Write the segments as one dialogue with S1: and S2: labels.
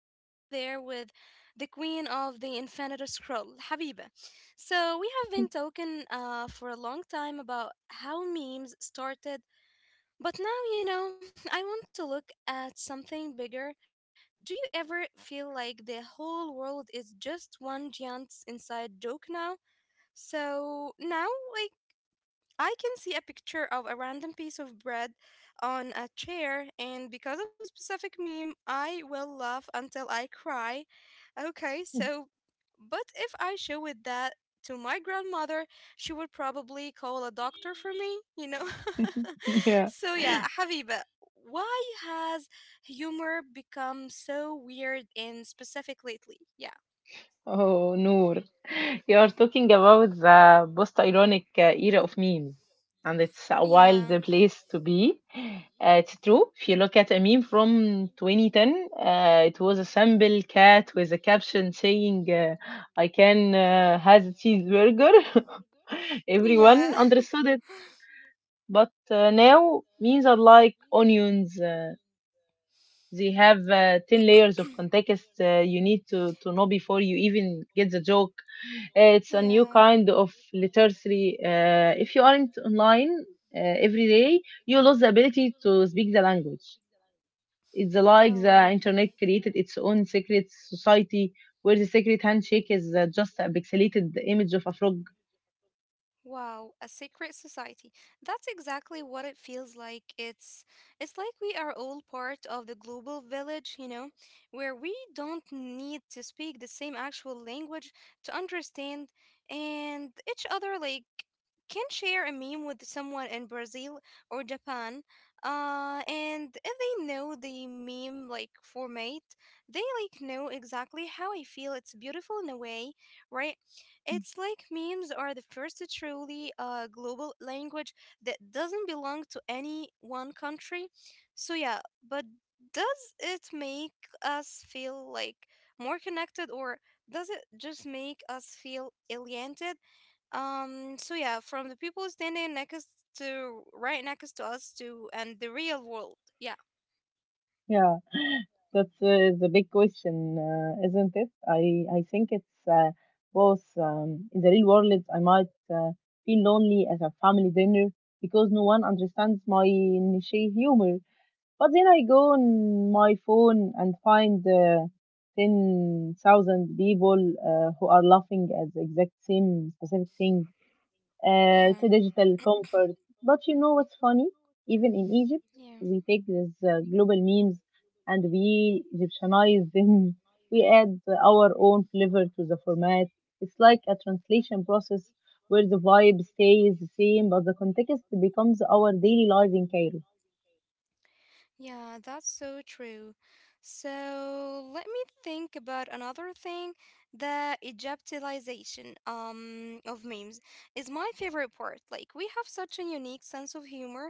S1: I'm still there with the queen of the infinite scroll, Habiba. So, we have been talking for a long time about how memes started, but now, I want to look at something bigger. Do you ever feel like the whole world is just one giant inside joke now? So, now, like, I can see a picture of a random piece of bread on a chair, and because of a specific meme, I will laugh until I cry. Okay, so, but if I show it that to my grandmother, she would probably call a doctor for me, you know?
S2: Yeah.
S1: So, yeah, Habiba, why has humor become so weird and specific lately? Yeah,
S2: Oh, Noor, you are talking about the post-ironic era of memes, and it's a wild
S1: yeah,
S2: place to be. It's true. If you look at a meme from 2010, it was a simple cat with a caption saying, "I can has a cheeseburger."
S1: yeah,
S2: Everyone understood it, but now memes are like onions. They have 10 layers of context you need to know before you even get the joke. It's a new
S1: yeah.
S2: kind of literacy. If you aren't online every day, you lose the ability to speak the language. It's like
S1: Oh,
S2: the internet created its own secret society where the secret handshake is just a pixelated image of a frog.
S1: wow, a secret society. That's exactly what it feels like. It's like we are all part of the global village, you know, where we don't need to speak the same actual language to understand and each other like can share a meme with someone in Brazil or Japan. And if they know the meme like format, they like know exactly how I feel. It's beautiful in a way, right? It's like memes are the first truly global language that doesn't belong to any one country. So, yeah, but does it make us feel like more connected or does it just make us feel alienated? So, yeah, from the people standing next to right next to us to and the real world. Yeah,
S2: Yeah, that's the big question, isn't it? I think it's both. In the real world, I might feel lonely at a family dinner because no one understands my niche humor. But then I go on my phone and find 10,000 people who are laughing at the exact same specific thing. It's
S1: yeah,
S2: a digital comfort. But you know what's funny? Even in Egypt,
S1: yeah.
S2: we take these global memes and we Egyptianize them. We add our own flavor to the format. It's like a translation process where the vibe stays the same, but the context becomes our daily life in Cairo.
S1: Yeah, that's so true. So let me think about another thing. The Egyptilization of memes is my favorite part. Like we have such a unique sense of humor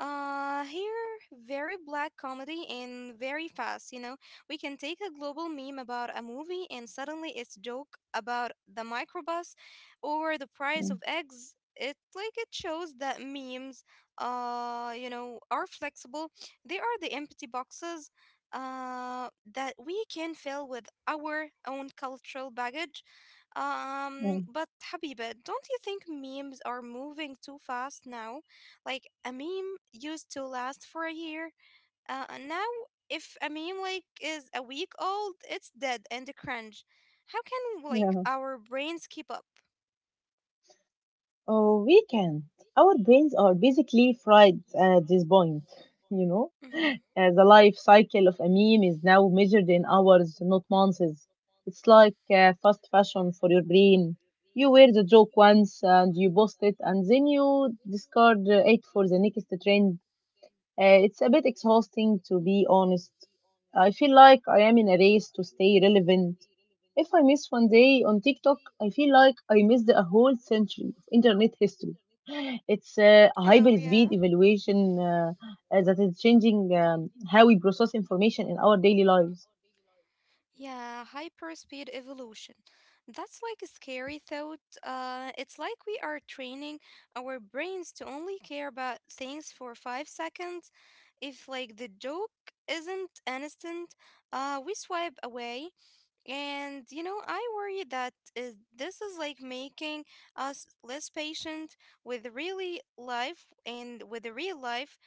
S1: here, very black comedy and very fast. You know, we can take a global meme about a movie and suddenly it's joke about the microbus or the price of eggs. It like it shows that memes, are flexible. They are the empty boxes, that we can fill with our own cultural baggage.
S2: Yeah, yeah,
S1: But Habiba, don't you think memes are moving too fast now? Like a meme used to last for a year. And now, if a meme like is a week old, it's dead and cringe. How can like
S2: yeah.
S1: our brains keep up?
S2: Oh, we can. Our brains are basically fried at this point, you know.
S1: Hmm.
S2: The life cycle of a meme is now measured in hours, not months. It's like fast fashion for your brain. You wear the joke once and you post it, and then you discard it for the next trend. It's a bit exhausting to be honest. I feel like I am in a race to stay relevant. If I miss one day on TikTok, I feel like I missed a whole century of internet history. It's a hyper
S1: Oh yeah.
S2: speed evaluation that is changing how we process information in our daily lives.
S1: Yeah, hyperspeed evolution. That's like a scary thought. It's like we are training our brains to only care about things for 5 seconds. If like the joke isn't instant, we swipe away. And you know, I worry that is, this is like making us less patient with really life and with the real life.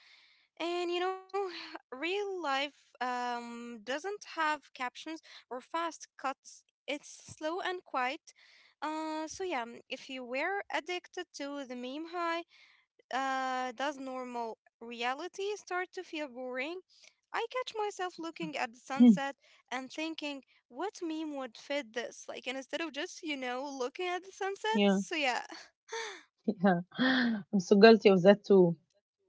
S1: And you know, real life doesn't have captions or fast cuts. It's slow and quiet. So yeah, if you were addicted to the meme high, does normal reality start to feel boring? I catch myself looking at the sunset and thinking, what meme would fit this? Like, and instead of just, you know, looking at the sunset?
S2: Yeah,
S1: So, yeah.
S2: yeah. I'm so guilty of that too.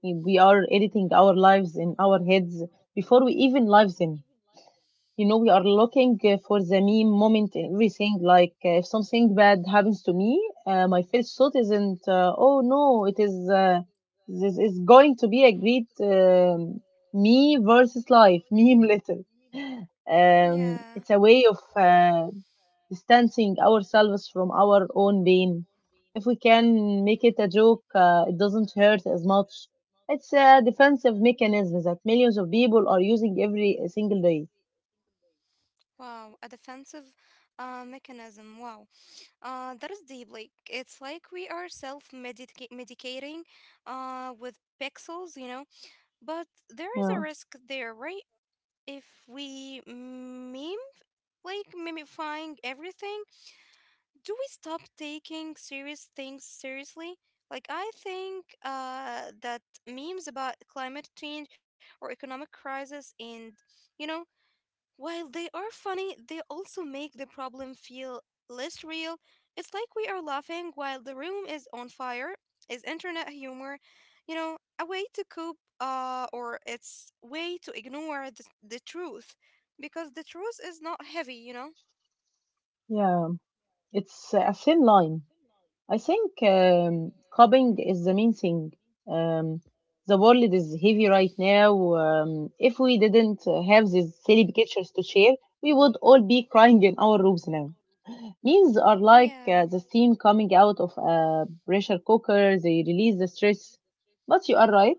S2: We are editing our lives in our heads before we even live them. You know, we are looking for the meme moment in everything, like if something bad happens to me, my first thought isn't oh no, it is this is going to be a great me versus life meme Little.
S1: Yeah.
S2: It's a way of distancing ourselves from our own pain. If we can make it a joke, it doesn't hurt as much. It's a defensive mechanism that millions of people are using every single day.
S1: Wow, a defensive mechanism. Wow, that is deep. Like it's like we are self-medicating with pixels, you know. But there is a
S2: Yeah.
S1: risk there, right? If we meme like mimifying everything, do we stop taking serious things seriously? Like I think that memes about climate change or economic crisis, and you know, while they are funny, they also make the problem feel less real. It's like we are laughing while the room is on fire. Is internet humor, you know, a way to cope or it's way to ignore the truth, because the truth is not heavy, you know?
S2: Yeah, it's a thin line. I think coping is the main thing. Um, the world is heavy right now. If we didn't have these silly pictures to share, we would all be crying in our rooms now. Memes are like
S1: Yeah.
S2: the steam coming out of a pressure cooker. They release the stress. But you are right.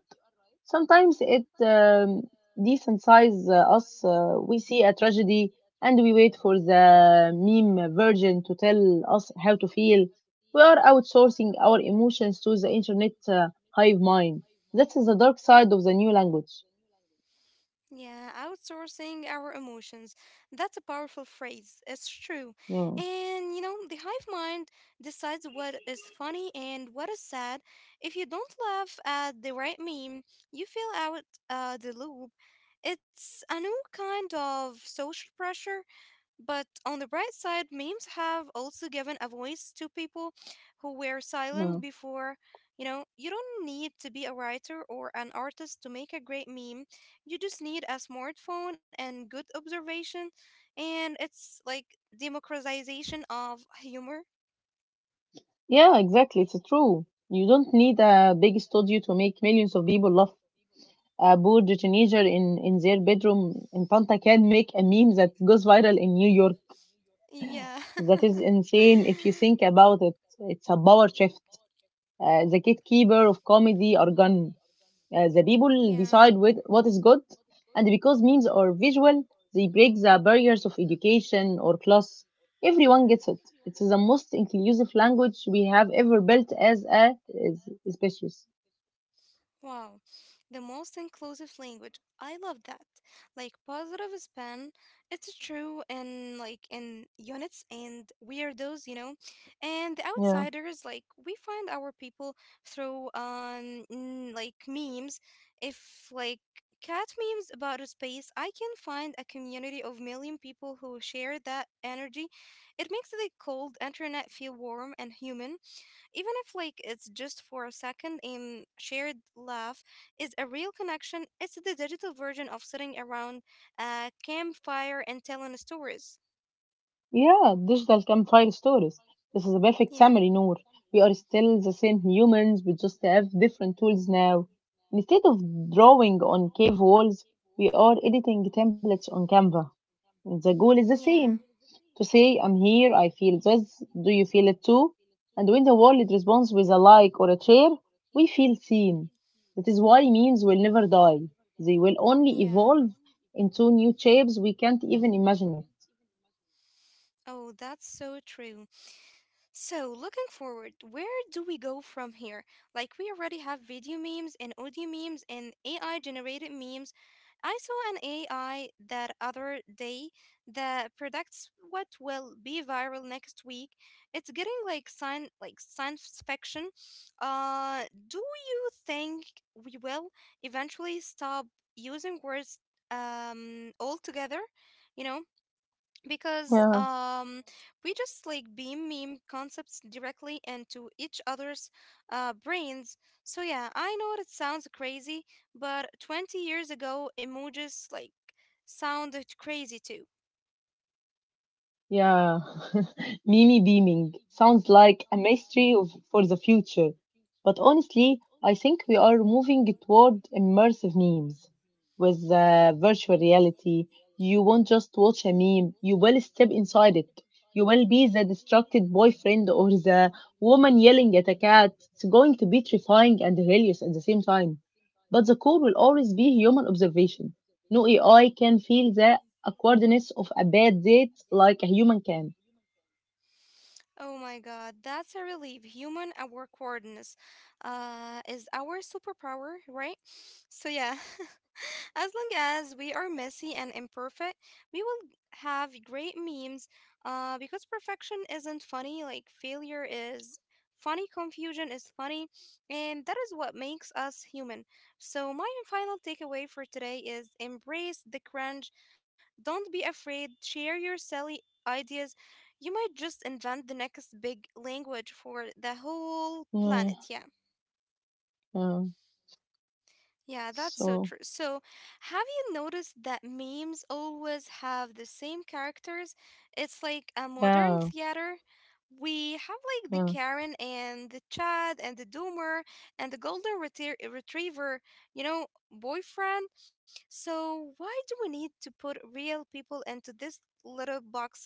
S2: Sometimes it desensitizes us. We see a tragedy and we wait for the meme version to tell us how to feel. We are outsourcing our emotions to the internet hive mind. That's the dark side of the new language.
S1: Yeah, outsourcing our emotions. That's a powerful phrase. It's true.
S2: Yeah,
S1: And you know, the hive mind decides what is funny and what is sad. If you don't laugh at the right meme, you feel out the loop. It's a new kind of social pressure, but on the bright side, memes have also given a voice to people who were
S2: yeah,
S1: silent before. You know, you don't need to be a writer or an artist to make a great meme. You just need a smartphone and good observation. And it's like democratization of humor.
S2: yeah, exactly. It's true. You don't need a big studio to make millions of people laugh. A poor teenager in their bedroom in Panta can make a meme that goes viral in New York.
S1: Yeah.
S2: That is insane if you think about it. It's a power shift. The gatekeeper of comedy are gone. The people
S1: Yeah.
S2: decide with what is good, and because memes are visual, they break the barriers of education or class. Everyone gets it. It's the most inclusive language we have ever built as a species.
S1: Wow, the most inclusive language. I love that. Like positive spin, it's true in like in units and weirdos, you know, and the
S2: Yeah.
S1: outsiders. Like we find our people through like memes. If like cat memes about a space, I can find a community of million people who share that energy. It makes the cold internet feel warm and human, even if like it's just for a second. Shared laugh is a real connection. It's the digital version of sitting around a campfire and telling stories.
S2: Yeah, digital campfire stories. This is a perfect
S1: Yeah,
S2: summary, Noor. We are still the same humans, we just have different tools now. Instead of drawing on cave walls, we are editing templates on Canva. The goal is the
S1: yeah,
S2: same, to say, I'm here, I feel this, do you feel it too? And when the world responds with a like or a share, we feel seen. That is why memes will never die. They will only
S1: yeah.
S2: evolve into new shapes we can't even imagine
S1: Oh, that's so true. So, looking forward, where do we go from here? Like, we already have video memes and audio memes and AI generated memes. I saw an AI that other day that predicts what will be viral next week. It's getting like sign like science fiction. Do you think we will eventually stop using words altogether? You know, because
S2: yet.
S1: we just like beam meme concepts directly into each other's brains. So yeah, I know it sounds crazy, but 20 years ago, emojis like sounded crazy too.
S2: Yeah, Mimi beaming sounds like a mystery of, for the future. But honestly, I think we are moving toward immersive memes. With virtual reality, you won't just watch a meme, you will step inside it. You will be the distracted boyfriend or the woman yelling at a cat. It's going to be terrifying and hilarious at the same time. But the core will always be human observation. No AI can feel the awkwardness of a bad date like a human can.
S1: Oh my God, that's a relief. Human awkwardness is our superpower, right? So, yeah, as long as we are messy and imperfect, we will have great memes, because perfection isn't funny, like failure is funny, confusion is funny, and that is what makes us human. So, my final takeaway for today is embrace the cringe, don't be afraid, share your silly ideas, you might just invent the next big language for the whole
S2: Yeah,
S1: planet. Yeah.
S2: yeah.
S1: Yeah, that's so
S2: So,
S1: true. So, have you noticed that memes always have the same characters? It's like a modern
S2: yeah,
S1: theater. We have like the
S2: yeah.
S1: Karen and the Chad and the Doomer and the Retriever, you know, boyfriend. So, why do we need to put real people into these little boxes?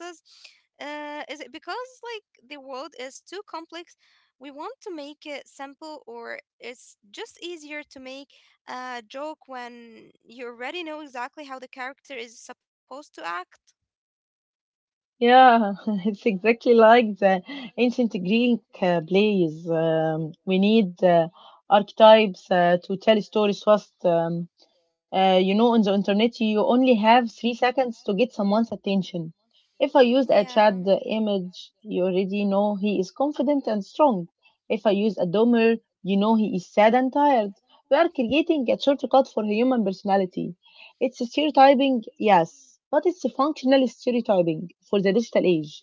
S1: Is it because like the world is too complex? We want to make it simple, or it's just easier to make a joke when you already know exactly how the character is supposed to act.
S2: Yeah, it's exactly like the ancient Greek plays. We need archetypes to tell stories fast. You know, on the internet, you only have three seconds to get someone's attention. If I use a
S1: Yeah.
S2: trad image, you already know he is confident and strong. If I use a dumber, you know he is sad and tired. We are creating a shortcut for human personality. It's stereotyping, yes, but it's functional stereotyping for the digital age.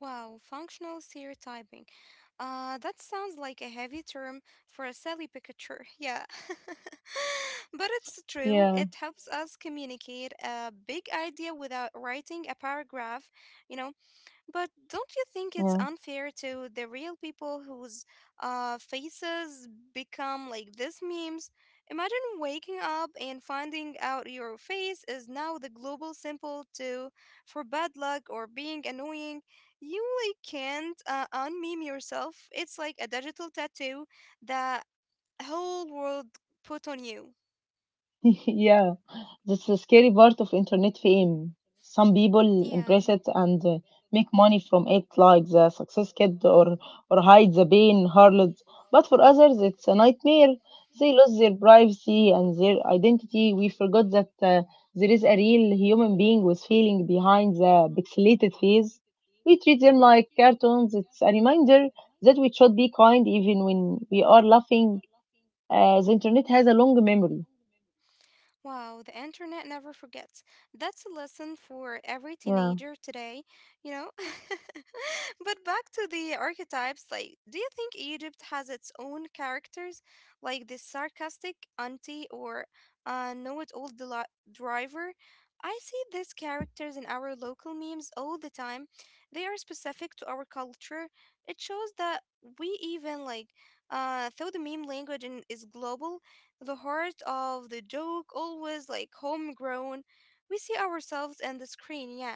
S1: Wow, functional stereotyping. That sounds like a heavy term for a silly picture. Yeah. But it's true.
S2: Yeah,
S1: It helps us communicate a big idea without writing a paragraph, you know. But don't you think it's
S2: yeah.
S1: unfair to the real people whose faces become like these memes? Imagine waking up and finding out your face is now the global symbol to for bad luck or being annoying. You like can't unmeme yourself. It's like a digital tattoo that whole world put on you.
S2: Yeah, that's the scary part of internet fame. Some people
S1: Yeah.
S2: embrace it and make money from it, like the success kid or hide the pain, harlot. But for others, it's a nightmare. They lose their privacy and their identity. We forgot that there is a real human being with feeling behind the pixelated face. We treat them like cartoons. It's a reminder that we should be kind even when we are laughing. The internet has a long memory.
S1: Wow, the internet never forgets. That's a lesson for every
S2: Yeah.
S1: teenager today, you know? But back to the archetypes, like, do you think Egypt has its own characters, like the sarcastic auntie or know it all driver? I see these characters in our local memes all the time. They are specific to our culture. It shows that we even like though the meme language is global, the heart of the joke, always like homegrown. We see ourselves in the screen, yeah.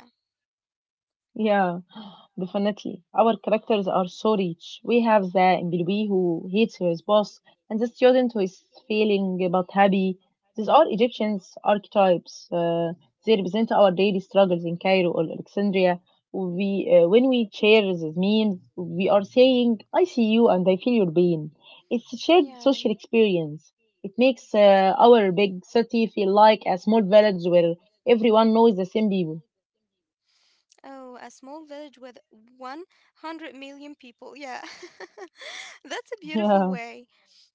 S2: Yeah, definitely. Our characters are so rich. We have the employee who hates his boss and the student who is failing but happy. These are Egyptians archetypes. They represent our daily struggles in Cairo or Alexandria. When we share these memes, we are saying, I see you and I feel your pain. It's a shared
S1: Yeah.
S2: social experience. It makes our big city feel like a small village where everyone knows the same people.
S1: Oh, a small village with 100 million people. Yeah. That's a beautiful way.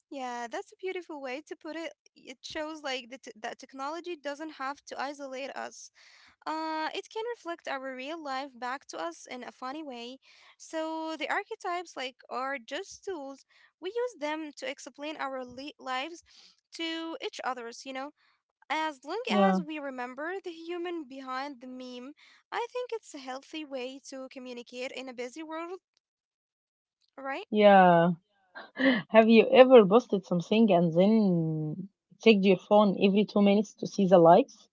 S1: Yeah, that's a beautiful way to put it. It shows like that technology doesn't have to isolate us. It can reflect our real life back to us in a funny way. So the archetypes like are just tools. We use them to explain our lives to each others, you know. As long
S2: Yeah,
S1: as
S2: yeah.
S1: we remember the human behind the meme, I think it's a healthy way to communicate in a busy world, right?
S2: Yeah. Have you ever posted something and then checked your phone every 2 minutes to see the likes?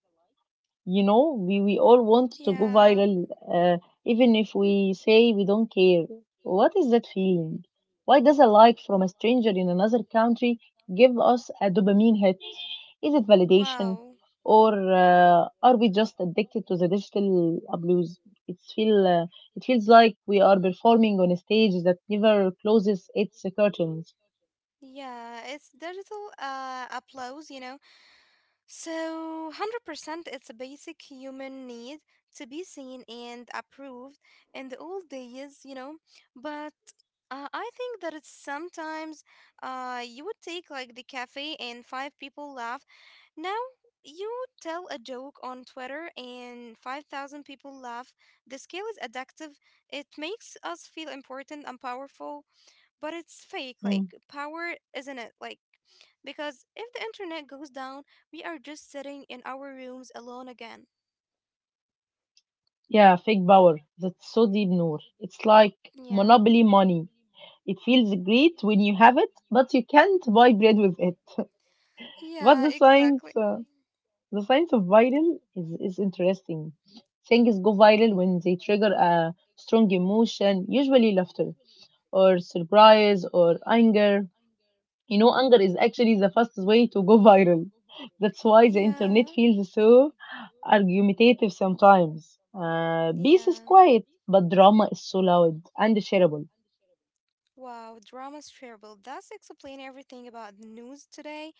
S2: You know, we all want to go
S1: Yeah.
S2: viral, uh, even if we say we don't care. What is that feeling? Why does a like from a stranger in another country give us a dopamine hit? Is it validation
S1: Wow.
S2: or are we just addicted to the digital blues? It's feel uh, it feels like we are performing on a stage that never closes its curtains.
S1: Yeah, it's digital applause, you know. So, 100% it's a basic human need to be seen and approved in the old days, you know. But I think that it's sometimes, you would take like the cafe and five people laugh. Now, you tell a joke on Twitter and 5,000 people laugh. The scale is addictive. It makes us feel important and powerful, but it's fake like
S2: Mm.
S1: power, isn't it? Like, because if the internet goes down, we are just sitting in our rooms alone again.
S2: Yeah, fake power, that's so deep, Noor. It's like
S1: Yeah,
S2: monopoly money. It feels great when you have it, but you can't buy bread with it. But
S1: yeah,
S2: the science,
S1: exactly.
S2: the science of viral is interesting. Things go viral when they trigger a strong emotion, usually laughter or surprise or anger. You know, anger is actually the fastest way to go viral. That's why the
S1: Yeah,
S2: internet feels so argumentative sometimes. Peace
S1: yeah.
S2: is quiet, but drama is so loud and shareable.
S1: Wow, drama's terrible. That's explain everything about the news today.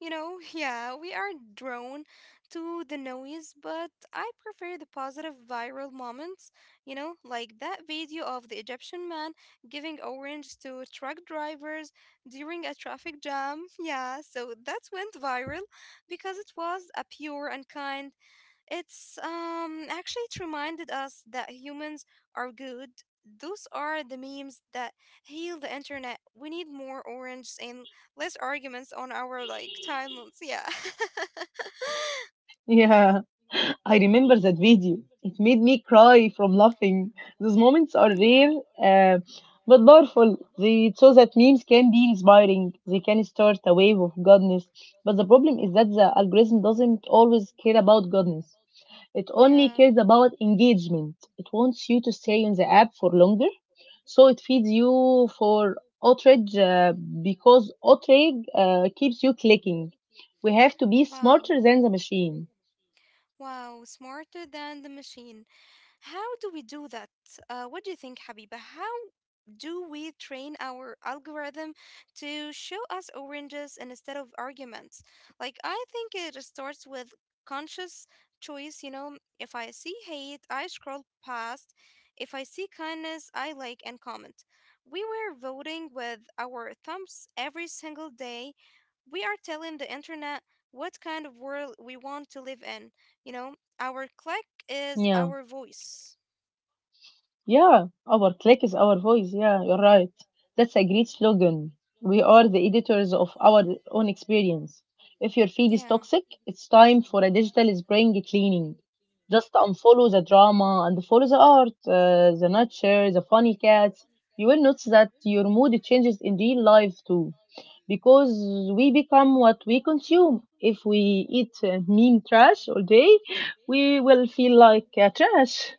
S1: You know, yeah, we are drawn to the noise, but I prefer the positive viral moments, you know, like that video of the Egyptian man giving orange to truck drivers during a traffic jam. Yeah, so that went viral because it was a pure and kind. It's actually it reminded us that humans are good. Those are the memes that heal the internet. We need more orange and less arguments on our timelines. Yeah.
S2: Yeah, I remember that video. It made me cry from laughing. Those moments are
S1: yeah.
S2: rare, uh, but powerful. They show that memes can be inspiring. They can start a wave of goodness. But the problem is that the algorithm doesn't always care about goodness. It
S1: Yeah.
S2: only cares about engagement. It wants you to stay on the app for longer, so it feeds you for outrage, because outrage keeps you clicking. We have to be
S1: Wow.
S2: smarter than the machine.
S1: Wow, smarter than the machine. How do we do that? What do you think, Habiba? How do we train our algorithm to show us oranges instead of arguments? I think it starts with conscious choice. You know, if I see hate, I scroll past. If I see kindness, I like and comment. We were voting with our thumbs every single day. We are telling the internet what kind of world we want to live in. You know, our click is
S2: Yeah.
S1: our voice.
S2: Yeah, our click is our voice. Yeah, you're right. That's a great slogan. We are the editors of our own experience. If your feed is
S1: Yeah.
S2: toxic, it's time for a digital spring cleaning. Just unfollow the drama and follow the art, the nature, the funny cats. You will notice that your mood changes in real life too, because we become what we consume. If we eat meme trash all day, we will feel like trash.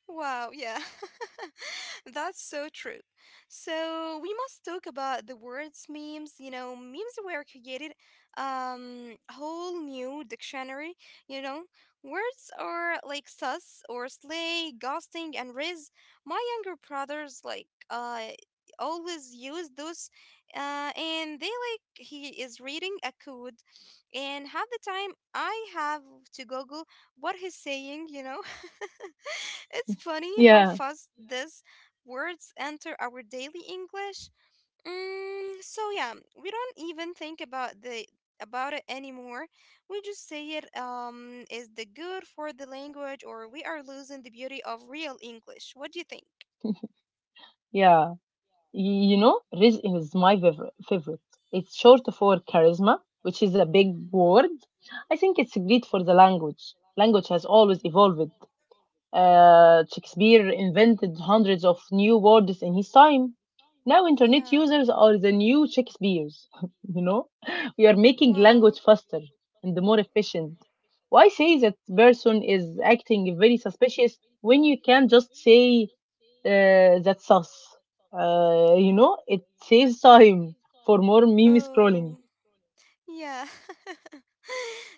S1: Wow, yeah. That's so true. So we must talk about the words memes. You know, memes were created whole new dictionary, you know. Words are like sus or slay, ghosting and riz. My younger brothers always use those and they he is reading a code and half the time I have to Google what he's saying, you know? it's funny how
S2: Yeah,
S1: fast these words enter our daily English. So yeah, we don't even think about the about it anymore. We just say it is the good for the language or we are losing the beauty of real English. What do you think?
S2: yeah. You know, rizq is my favorite. It's short for charisma, which is a big word. I think it's great for the language. Language has always evolved. Shakespeare invented hundreds of new words in his time. Now, internet
S1: Yeah.
S2: users are the new Shakespeare's. You know, we are making
S1: Wow.
S2: language faster and more efficient. Why say that person is acting very suspicious when you can just say that's us? You know, it saves time for more meme scrolling.
S1: Oh, yeah.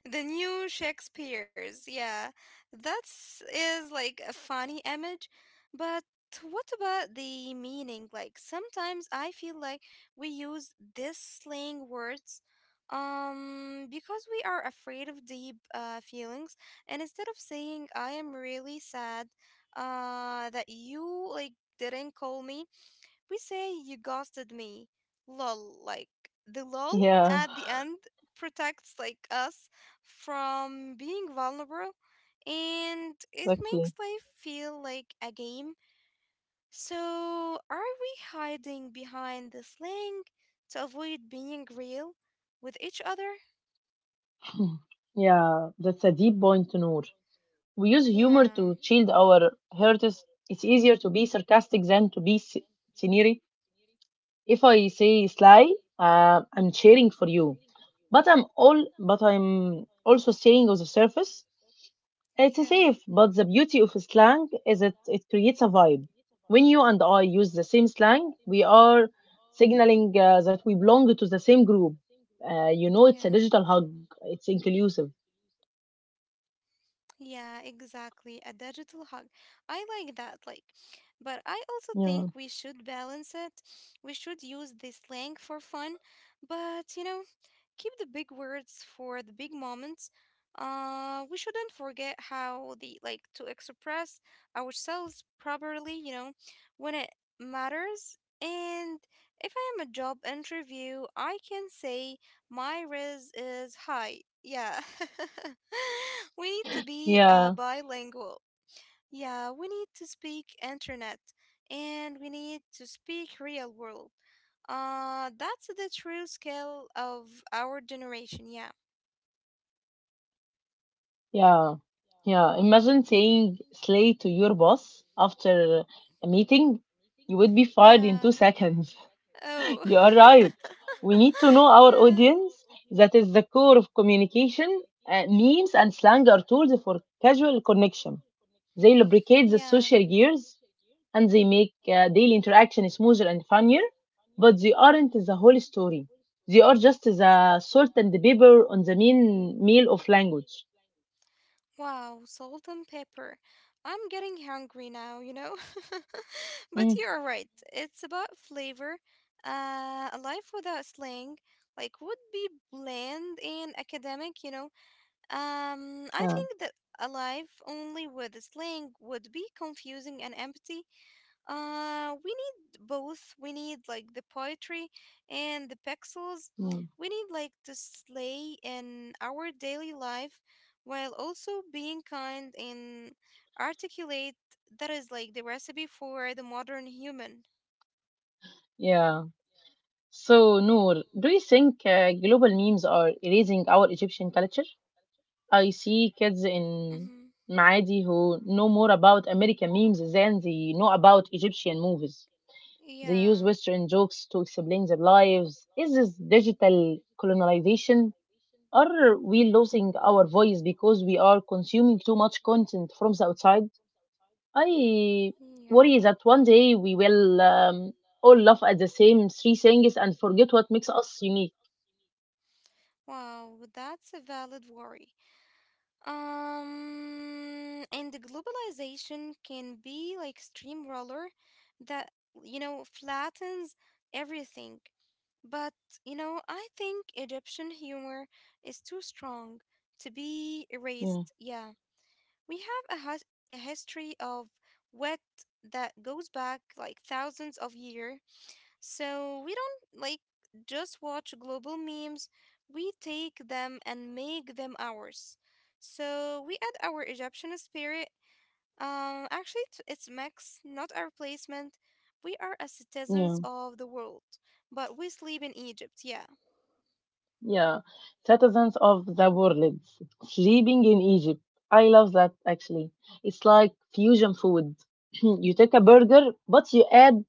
S1: The new Shakespeare's, yeah. That's is like a funny image, but what about the meaning? Like sometimes I feel like we use this slang words because we are afraid of deep feelings and instead of saying I am really sad that you didn't call me we say you ghosted me. Lol. Like the lol
S2: Yeah,
S1: at the end protects us from being vulnerable and it makes
S2: exactly.
S1: life feel like a game. So are we hiding behind the slang to avoid being real with each other?
S2: Yeah, that's a deep point, Noor. We use humor
S1: Yeah.
S2: to shield our hurts. It's easier to be sarcastic than to be sneery. If I say sly, I'm cheering for you, but I'm also saying on the surface it's
S1: Yeah.
S2: safe. But the beauty of slang is that it creates a vibe. When you and I use the same slang, we are signaling that we belong to the same group. It's a
S1: Yeah.
S2: digital hug. It's inclusive.
S1: Yeah, exactly. A digital hug. I like that. But I also think we
S2: Yeah.
S1: should balance it. We should use this slang for fun, but you know keep the big words for the big moments. We shouldn't forget how the like to express ourselves properly, you know, when it matters. And if I am a job interview, I can say my res is high. Yeah. we need to be
S2: Yeah,
S1: bilingual. Yeah, we need to speak internet and we need to speak real world. That's the true scale of our generation. Yeah.
S2: Yeah, yeah. Imagine saying slay to your boss after a meeting. You would be fired in
S1: Yeah.
S2: 2 seconds.
S1: Oh.
S2: You are right. We need to know our
S1: yeah.
S2: audience. That is the core of communication. Memes and slang are tools for casual connection. They lubricate the
S1: Yeah.
S2: social gears and they make daily interaction smoother and funnier, but they aren't the whole story. They are just the salt and the pepper on the main meal of language.
S1: Wow, salt and pepper. I'm getting hungry now, you know? But
S2: Mm,
S1: you're right. It's about flavor. A life without slang, would be bland and academic, you know? I
S2: yeah.
S1: think that a life only with slang would be confusing and empty. We need both. We need the poetry and the pixels.
S2: yeah.
S1: We need to slay in our daily life while also being kind and articulate. That is the recipe for the modern human.
S2: Yeah. So, Noor, do you think global memes are erasing our Egyptian culture? I see kids in
S1: Mm-hmm.
S2: Maadi who know more about American memes than they know about Egyptian movies. They use
S1: Yeah.
S2: Western jokes to explain their lives. Is this digital colonization? Are we losing our voice because we are consuming too much content from the outside? I
S1: Yeah.
S2: worry that one day we will all laugh at the same 3 things and forget what makes us unique.
S1: Wow, that's a valid worry. And the globalization can be like streamroller that, you know, flattens everything. But, you know, I think Egyptian humor is too strong to be
S2: Yeah,
S1: erased. Yeah. We have a, a history of wit that goes back like thousands of years. So we don't just watch global memes, we take them and make them ours. So we add our Egyptian spirit. It's Max, not a replacement. We are as
S2: yeah,
S1: citizens of the world, but we sleep in Egypt. Yeah,
S2: yeah. Citizens of the world, sleeping in Egypt. I love that actually. It's like fusion food. You take a burger, but you add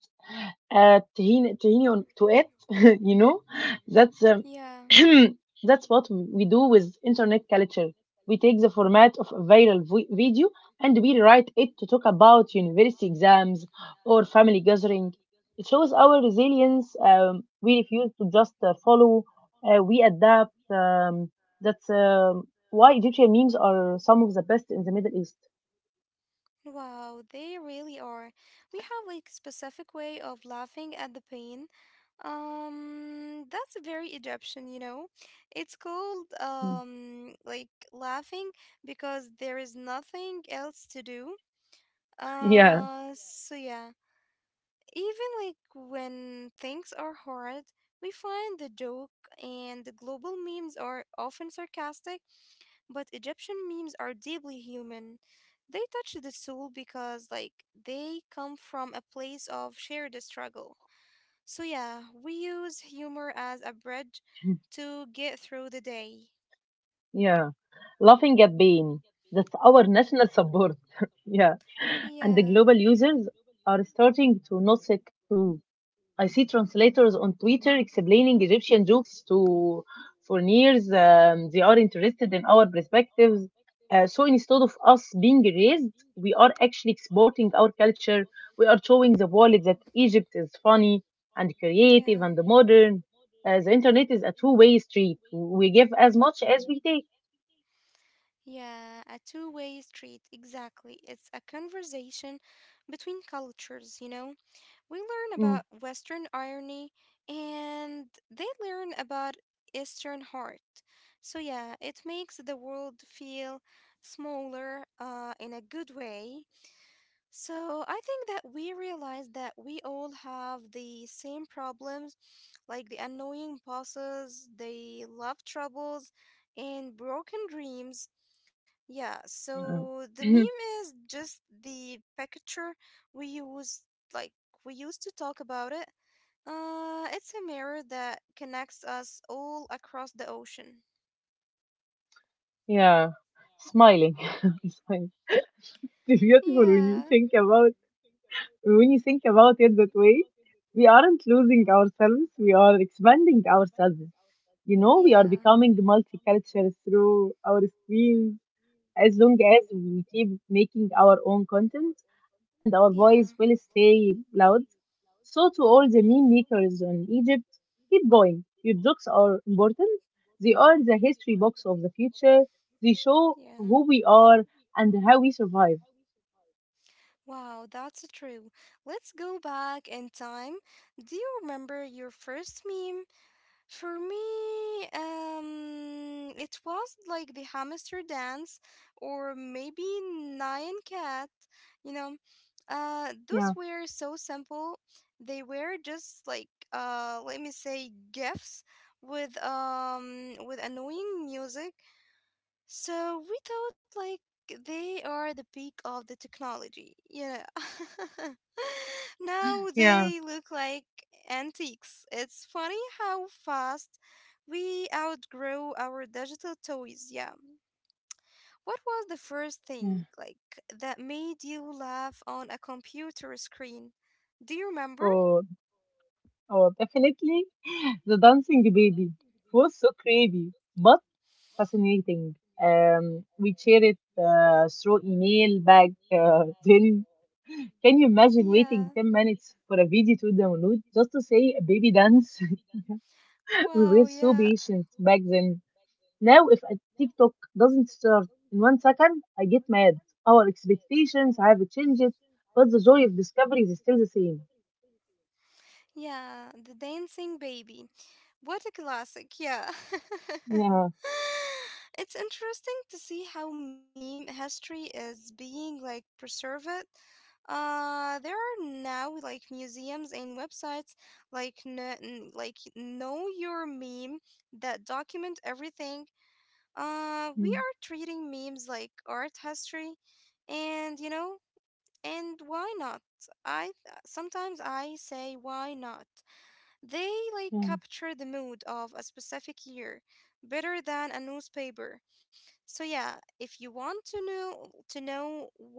S2: a tahini, tahini on, to it. you know, that's
S1: yeah.
S2: That's what we do with internet culture. We take the format of a video and we rewrite it to talk about university exams or family gathering. It shows our resilience. We refuse to just follow. We adapt. That's Why Egyptian memes are some of the best in the Middle East.
S1: Wow, they really are. We have like specific way of laughing at the pain. That's very Egyptian, you know. It's called
S2: Mm.
S1: laughing because there is nothing else to do.
S2: Yeah.
S1: So yeah, even when things are hard, we find the joke and the global memes are often sarcastic, but Egyptian memes are deeply human. They touch the soul because they come from a place of shared struggle. So, yeah, we use humor as a bridge to get through the day.
S2: Yeah, laughing at pain. That's our national support. Yeah, and the
S1: Yeah,
S2: global users are starting to notice it too. I see translators on Twitter explaining Egyptian jokes to foreigners. They are interested in our perspectives. So instead of us being raised, we are actually exporting our culture. We are showing the world that Egypt is funny and creative
S1: yeah.
S2: and modern. The internet is a two-way street. We give as much as we take.
S1: Yeah, a two-way street, exactly. It's a conversation between cultures, you know? We learn
S2: Mm,
S1: about Western irony and they learn about Eastern heart. So, yeah, it makes the world feel smaller in a good way. So I think that we realize that we all have the same problems, like the annoying bosses, the love troubles, and broken dreams. Yeah,
S2: yeah.
S1: so the meme is just the picture we use, like we used to talk about it. It's a mirror that connects us all across the ocean.
S2: Yeah. Smiling. Smiling. It's beautiful
S1: Yeah,
S2: when you think about it that way. We aren't losing ourselves, we are expanding ourselves. You know, we are
S1: yeah,
S2: becoming multicultural through our screens. As long as we keep making our own content and our
S1: yeah,
S2: voice will stay loud. So, to all the meme makers in Egypt, keep going. Your jokes are important. They are the history box of the future. They show
S1: yeah.
S2: who we are and how we survive.
S1: Wow, that's true. Let's go back in time. Do you remember your first meme? For me, it was like the hamster dance or maybe Nyan cat, you know. Those
S2: Yeah,
S1: were so simple. They were just let me say gifs with annoying music. So we thought like they are the peak of the technology. Yeah. now
S2: yeah,
S1: they look like antiques. It's funny how fast we outgrow our digital toys. Yeah. What was the first
S2: yeah.
S1: thing that made you laugh on a computer screen? Do you remember?
S2: Oh, oh, definitely. The dancing baby was so creepy, but fascinating. We share it through email back then can you imagine
S1: Yeah.
S2: waiting 10 minutes for a video to download just to say a baby dance? We were
S1: Wow,
S2: so
S1: yeah.
S2: patient back then. Now, if a TikTok doesn't start in 1 second, I get mad. Our expectations have changed, but the joy of discovery is still the same.
S1: Yeah, the dancing baby. What a classic, yeah.
S2: Yeah.
S1: it's interesting to see how meme history is being preserved. There are now like museums and websites like Know Your Meme that document everything. We
S2: Mm,
S1: are treating memes like art history, and you know, and why not? I sometimes I say why not. They
S2: Yeah.
S1: capture the mood of a specific year better than a newspaper. So yeah, if you want to know what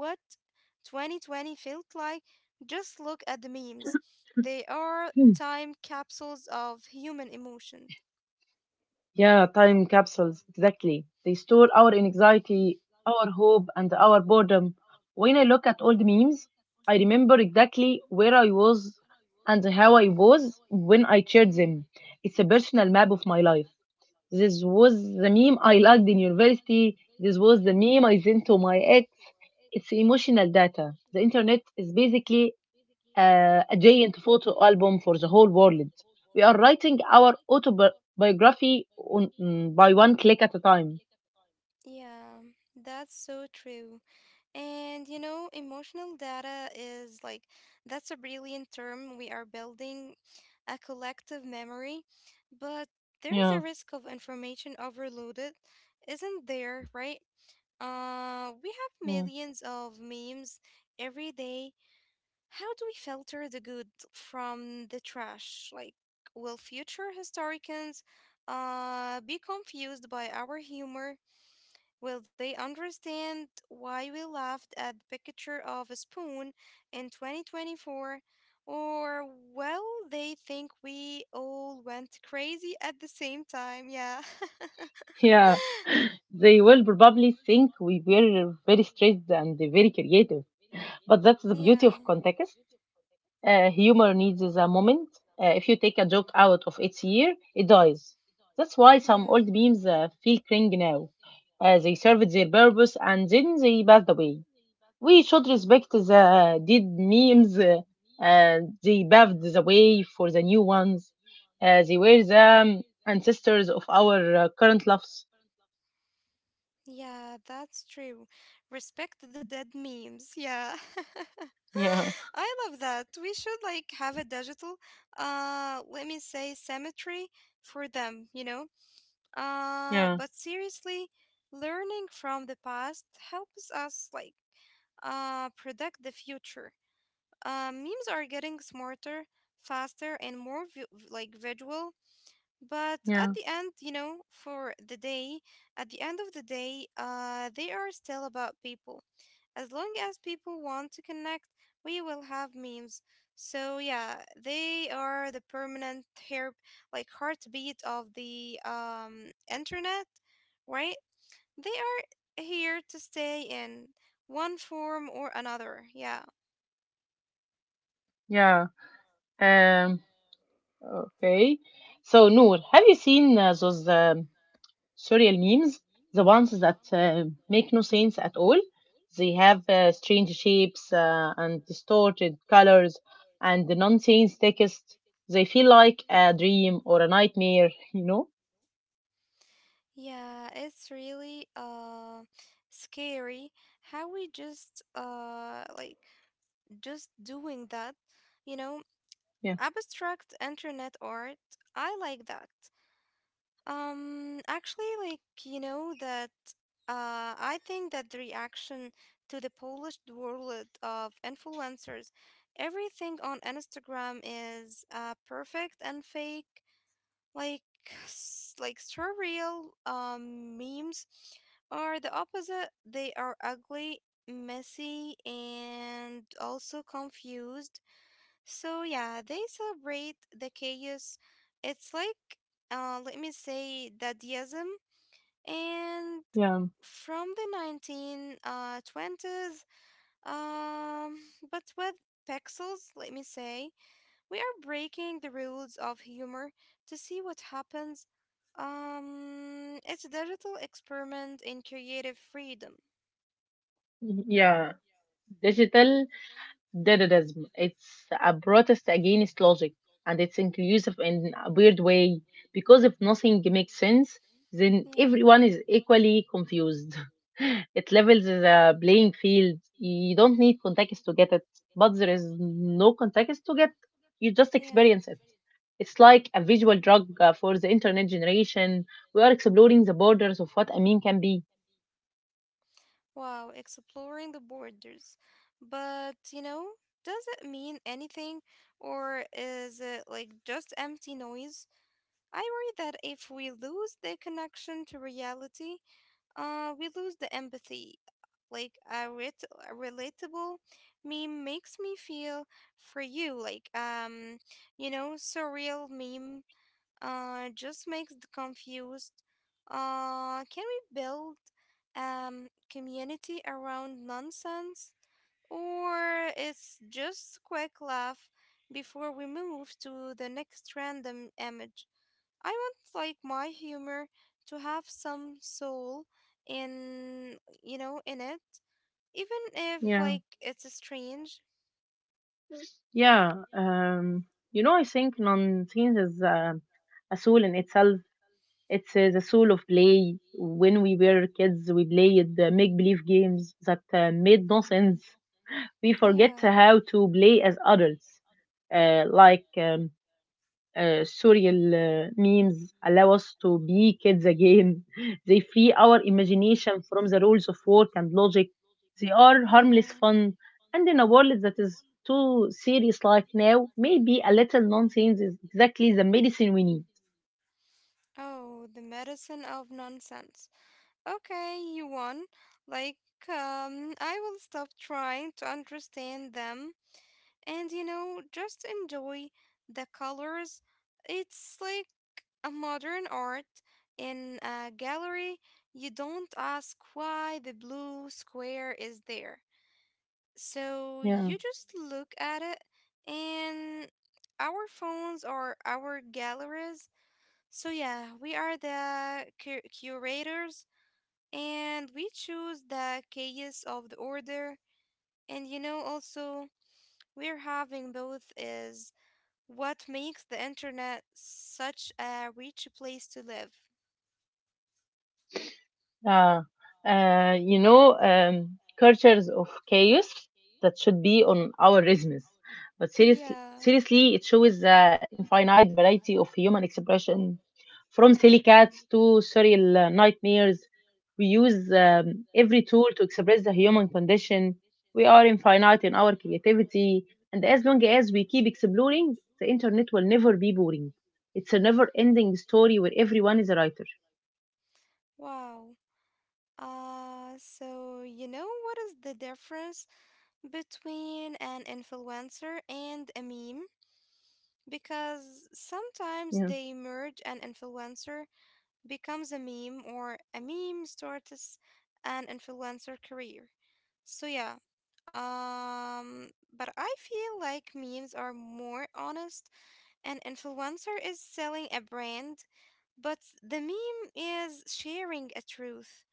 S1: 2020 felt like, just look at the memes. They are time capsules of human emotion.
S2: Yeah, time capsules, exactly. They store our anxiety, our hope, and our boredom. When I look at old memes, I remember exactly where I was and how I was when I shared
S1: Mhm.
S2: them. It's a personal map of my life. This was the meme I liked in university. This was the meme I sent to my ex. It's emotional data. The internet is basically a giant photo album for the whole world. We are writing our autobiography by one click at a time.
S1: Yeah, that's so true. And you know, emotional data is that's a brilliant term we are building a collective memory, but there is a
S2: Yeah,
S1: risk of information overloaded, isn't there, right? We have
S2: yeah,
S1: millions of memes every day. How do we filter the good from the trash? Will future historians be confused by our humor? Will they understand why we laughed at the picture of a spoon in 2024? Or will they think we all went crazy at the same time? Yeah.
S2: yeah. They will probably think we were very stressed and very creative, but that's the
S1: Yeah,
S2: beauty of context. Humor needs a moment. If you take a joke out of its year, it dies. That's why some
S1: yeah,
S2: old memes feel cringe now. They served their purpose and then they passed away. We should respect the dead memes, and they paved the way for the new ones. They were the ancestors of our current loves.
S1: yeah, that's true. Respect the dead memes. Yeah.
S2: Yeah,
S1: I love that. We should have a digital let me say cemetery for them, you know? Uh,
S2: yeah,
S1: but seriously, learning from the past helps us predict the future. Memes are getting smarter, faster, and more visual but at
S2: yeah,
S1: the end, you know, at the end of the day, they are still about people. As long as people want to connect, we will have memes. So yeah, they are the permanent hair, like heartbeat of the internet, right? They are here to stay in one form or another. Yeah,
S2: yeah. Um, okay. So, Noor, have you seen those surreal memes, the ones that make no sense at all. They have strange shapes and distorted colors and the nonsense text. They feel like a dream or a nightmare, you know?
S1: yeah, it's really scary how we just doing that, you know,
S2: Yeah.
S1: abstract internet art. I like that. Actually, like, you know, that I think that the reaction to the polished world of influencers, everything on Instagram is perfect and fake, like, like surreal memes are the opposite. They are ugly, messy, and also confused so yeah, they celebrate the chaos. It's like, let me say, Dadaism, and
S2: Yeah.
S1: from the nineteen twenties, um, but with pixels. Let me say, we are breaking the rules of humor to see what happens. It's a digital experiment in creative freedom.
S2: Yeah. Digital Dadaism. It's a protest against logic and it's inclusive in a weird way because if nothing makes sense, then
S1: Yeah,
S2: everyone is equally confused. It levels the playing field. You don't need context to get it, but there is no context to get. You just
S1: yeah.
S2: experience it. It's like a visual drug for the internet generation. We are exploring the borders of what a meme can be.
S1: Wow, exploring the borders. But, you know, does it mean anything or is it like just empty noise? I worry that if we lose the connection to reality, we lose the empathy. Like a relatable meme makes me feel for you, you know, surreal meme just makes the confused. Can we build community around nonsense? Or it's just quick laugh before we move to the next random image. I want my humor to have some soul in you know in it. Even if
S2: Yeah.
S1: it's strange.
S2: Yeah, um, you know, I think non-teens is a soul in itself. It's the soul of play. When we were kids, we played make-believe games that made no sense. We forget
S1: Yeah,
S2: how to play as adults, uh, like um, surreal memes allow us to be kids again. They free our imagination from the rules of work and logic. They are harmless
S1: yeah.
S2: fun. And in a world that is too serious like now, maybe a little nonsense is exactly the medicine we need.
S1: Oh, the medicine of nonsense. Okay, you won. Like, I will stop trying to understand them and, you know, just enjoy the colors. It's like a modern art in a gallery. You don't ask why the blue square is there. So you
S2: Yeah.
S1: just look at it, and our phones are our galleries. So, yeah, we are the curators and we choose the chaos of the order and you know also we're having both is what makes the internet such a rich place to live
S2: Uh, Cultures of chaos that should be on our resumes. But seriously,
S1: yeah
S2: seriously, it shows the infinite variety of human expression, from silly cats to surreal nightmares. We use every tool to express the human condition. We are infinite in our creativity, and as long as we keep exploring, the internet will never be boring. It's a never-ending story where everyone is a writer.
S1: wow so you know what is the difference between an influencer and a meme because sometimes
S2: Yeah.
S1: they merge an influencer becomes a meme or a meme starts an influencer career. So yeah. Um but I feel like memes are more honest. An influencer is selling a brand, but the meme is sharing a truth.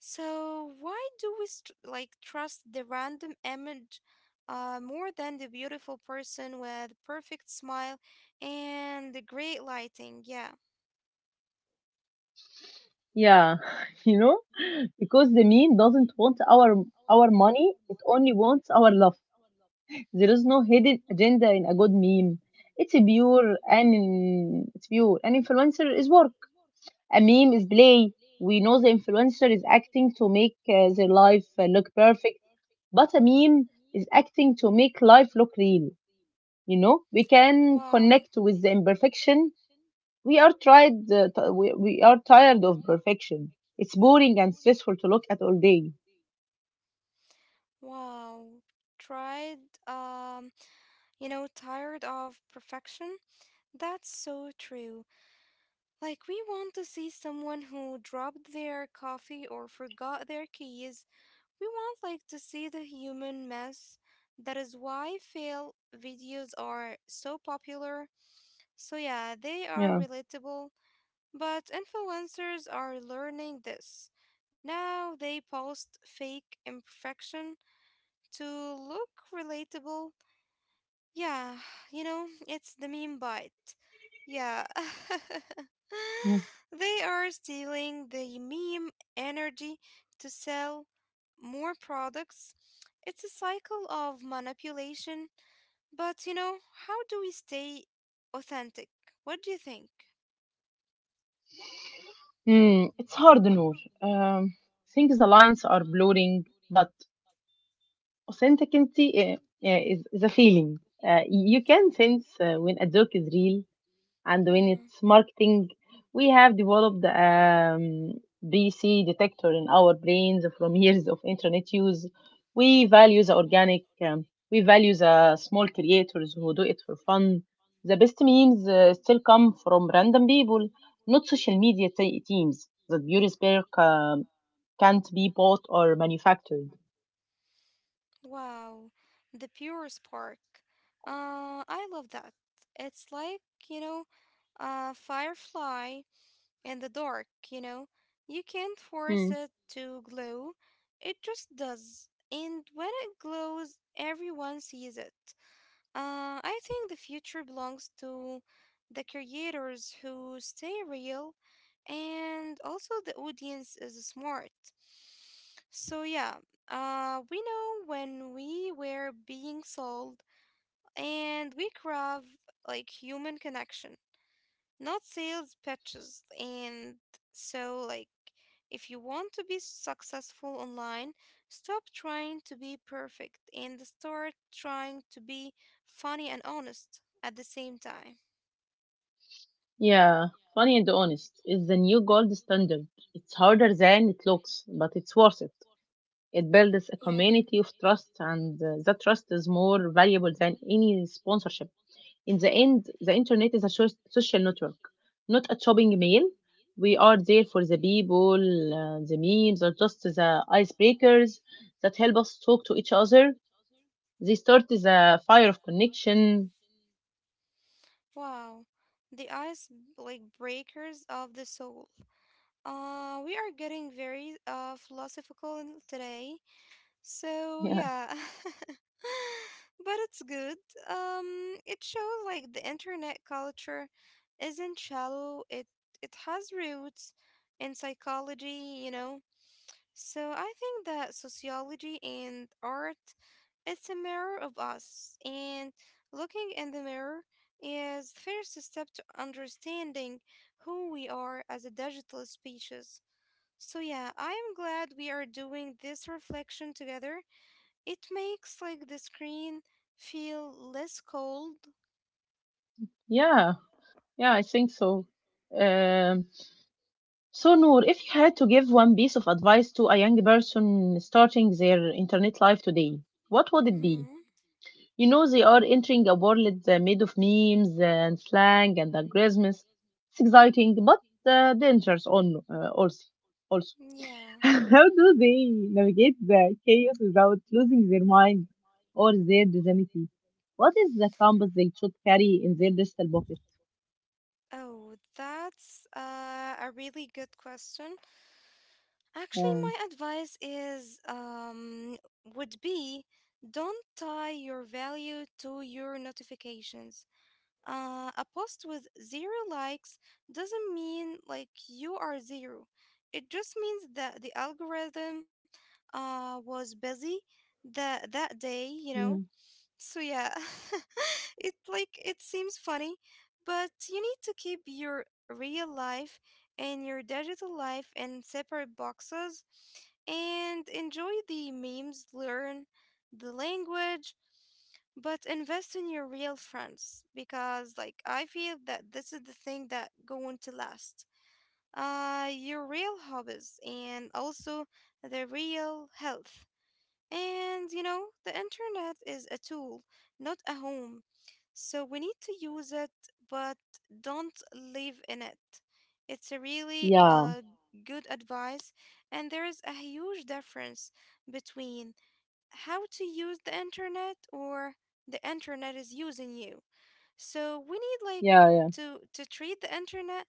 S1: So why do we like trust the random image, more than the beautiful person with perfect smile and the great lighting? Yeah.
S2: Yeah, you know? Because the meme doesn't want our money, it only wants our love. There is no hidden agenda in a good meme. It's pure. An influencer is work, a meme is play. We know the influencer is acting to make their life look perfect, but a meme is acting to make life look real. You know, we can connect
S1: Wow.
S2: with the imperfection. We are tried uh, t- we, we are tired of perfection. It's boring and stressful to look at all day.
S1: Wow. Tried, um, you know, tired of perfection? That's so true. Like, we want to see someone who dropped their coffee or forgot their keys. We want, like, to see the human mess. That is why fail videos are so popular. So, yeah, they are
S2: Yeah.
S1: relatable. But influencers are learning this. Now they post fake imperfection to look relatable. Yeah, it's the meme bite. Yeah.
S2: Mm.
S1: They are stealing the meme energy to sell more products. It's a cycle of manipulation. But, you know, how do we stay authentic? What do you think?
S2: Mm, it's hard, Noor. Um, things The lines are blurring, but authenticity is a feeling. You can sense when a joke is real, and when
S1: Yeah.
S2: it's marketing. We have developed bc detector in our brains from years of internet use. We value the organic. We value the small creators who do it for fun. The best memes still come from random people, not social media teams. That beauty spare can't be bought or manufactured.
S1: Wow, the pure spark. I love that. It's like, you know, a firefly in the dark, you know. You can't force
S2: Hmm.
S1: it to glow. It just does. And when it glows, everyone sees it. I think the future belongs to the creators who stay real, and also the audience is smart. So, yeah, we know when we were being sold, and we crave like human connection, not sales pitches. And so, like, if you want to be successful online, stop trying to be perfect and start trying to be funny and honest at the same time.
S2: Yeah, funny and honest is the new gold standard. It's harder than it looks, but it's worth it. It builds a
S1: Yeah.
S2: community of trust, and that trust is more valuable than any sponsorship. In the end, the internet is a social network, not a shopping mail. We are there for the people, the memes, or just the icebreakers that help us talk to each other. They start the fire of connection.
S1: Wow, the ice like breakers of the soul. We are getting very philosophical today. So
S2: Yeah,
S1: yeah. But it's good. It shows like the internet culture isn't shallow. It has roots in psychology, you know. So I think that sociology and art, it's a mirror of us, and looking in the mirror is the first step to understanding who we are as a digital species. So yeah, I am glad we are doing this reflection together. It makes like the screen feel less cold.
S2: yeah, yeah, I think so. Um, So, Noor, if you had to give one piece of advice to a young person starting their internet life today, what would it
S1: Mm-hmm.
S2: be? You know, they are entering a world made of memes and slang and algorithms. It's exciting, but dangerous on, also. Also.
S1: Yeah.
S2: How do they navigate the chaos without losing their mind or their dignity? What is the compass they should carry in their digital pocket?
S1: Oh, that's a really good question. Actually,
S2: Yeah,
S1: my advice is would be, don't tie your value to your notifications. A post with zero likes doesn't mean like you are zero. It just means that the algorithm, was busy that day, you know.
S2: yeah,
S1: So yeah, it like it seems funny, but you need to keep your real life and your digital life in separate boxes, and enjoy the memes, learn the language, but invest in your real friends, because like I feel that this is the thing that going to last. Uh, your real hobbies, and also the real health. And you know, the internet is a tool, not a home. So we need to use it, but don't live in it. It's a really
S2: yeah,
S1: good advice. And there is a huge difference between how to use the internet, or the internet is using you. So we need like
S2: yeah, yeah,
S1: to treat the internet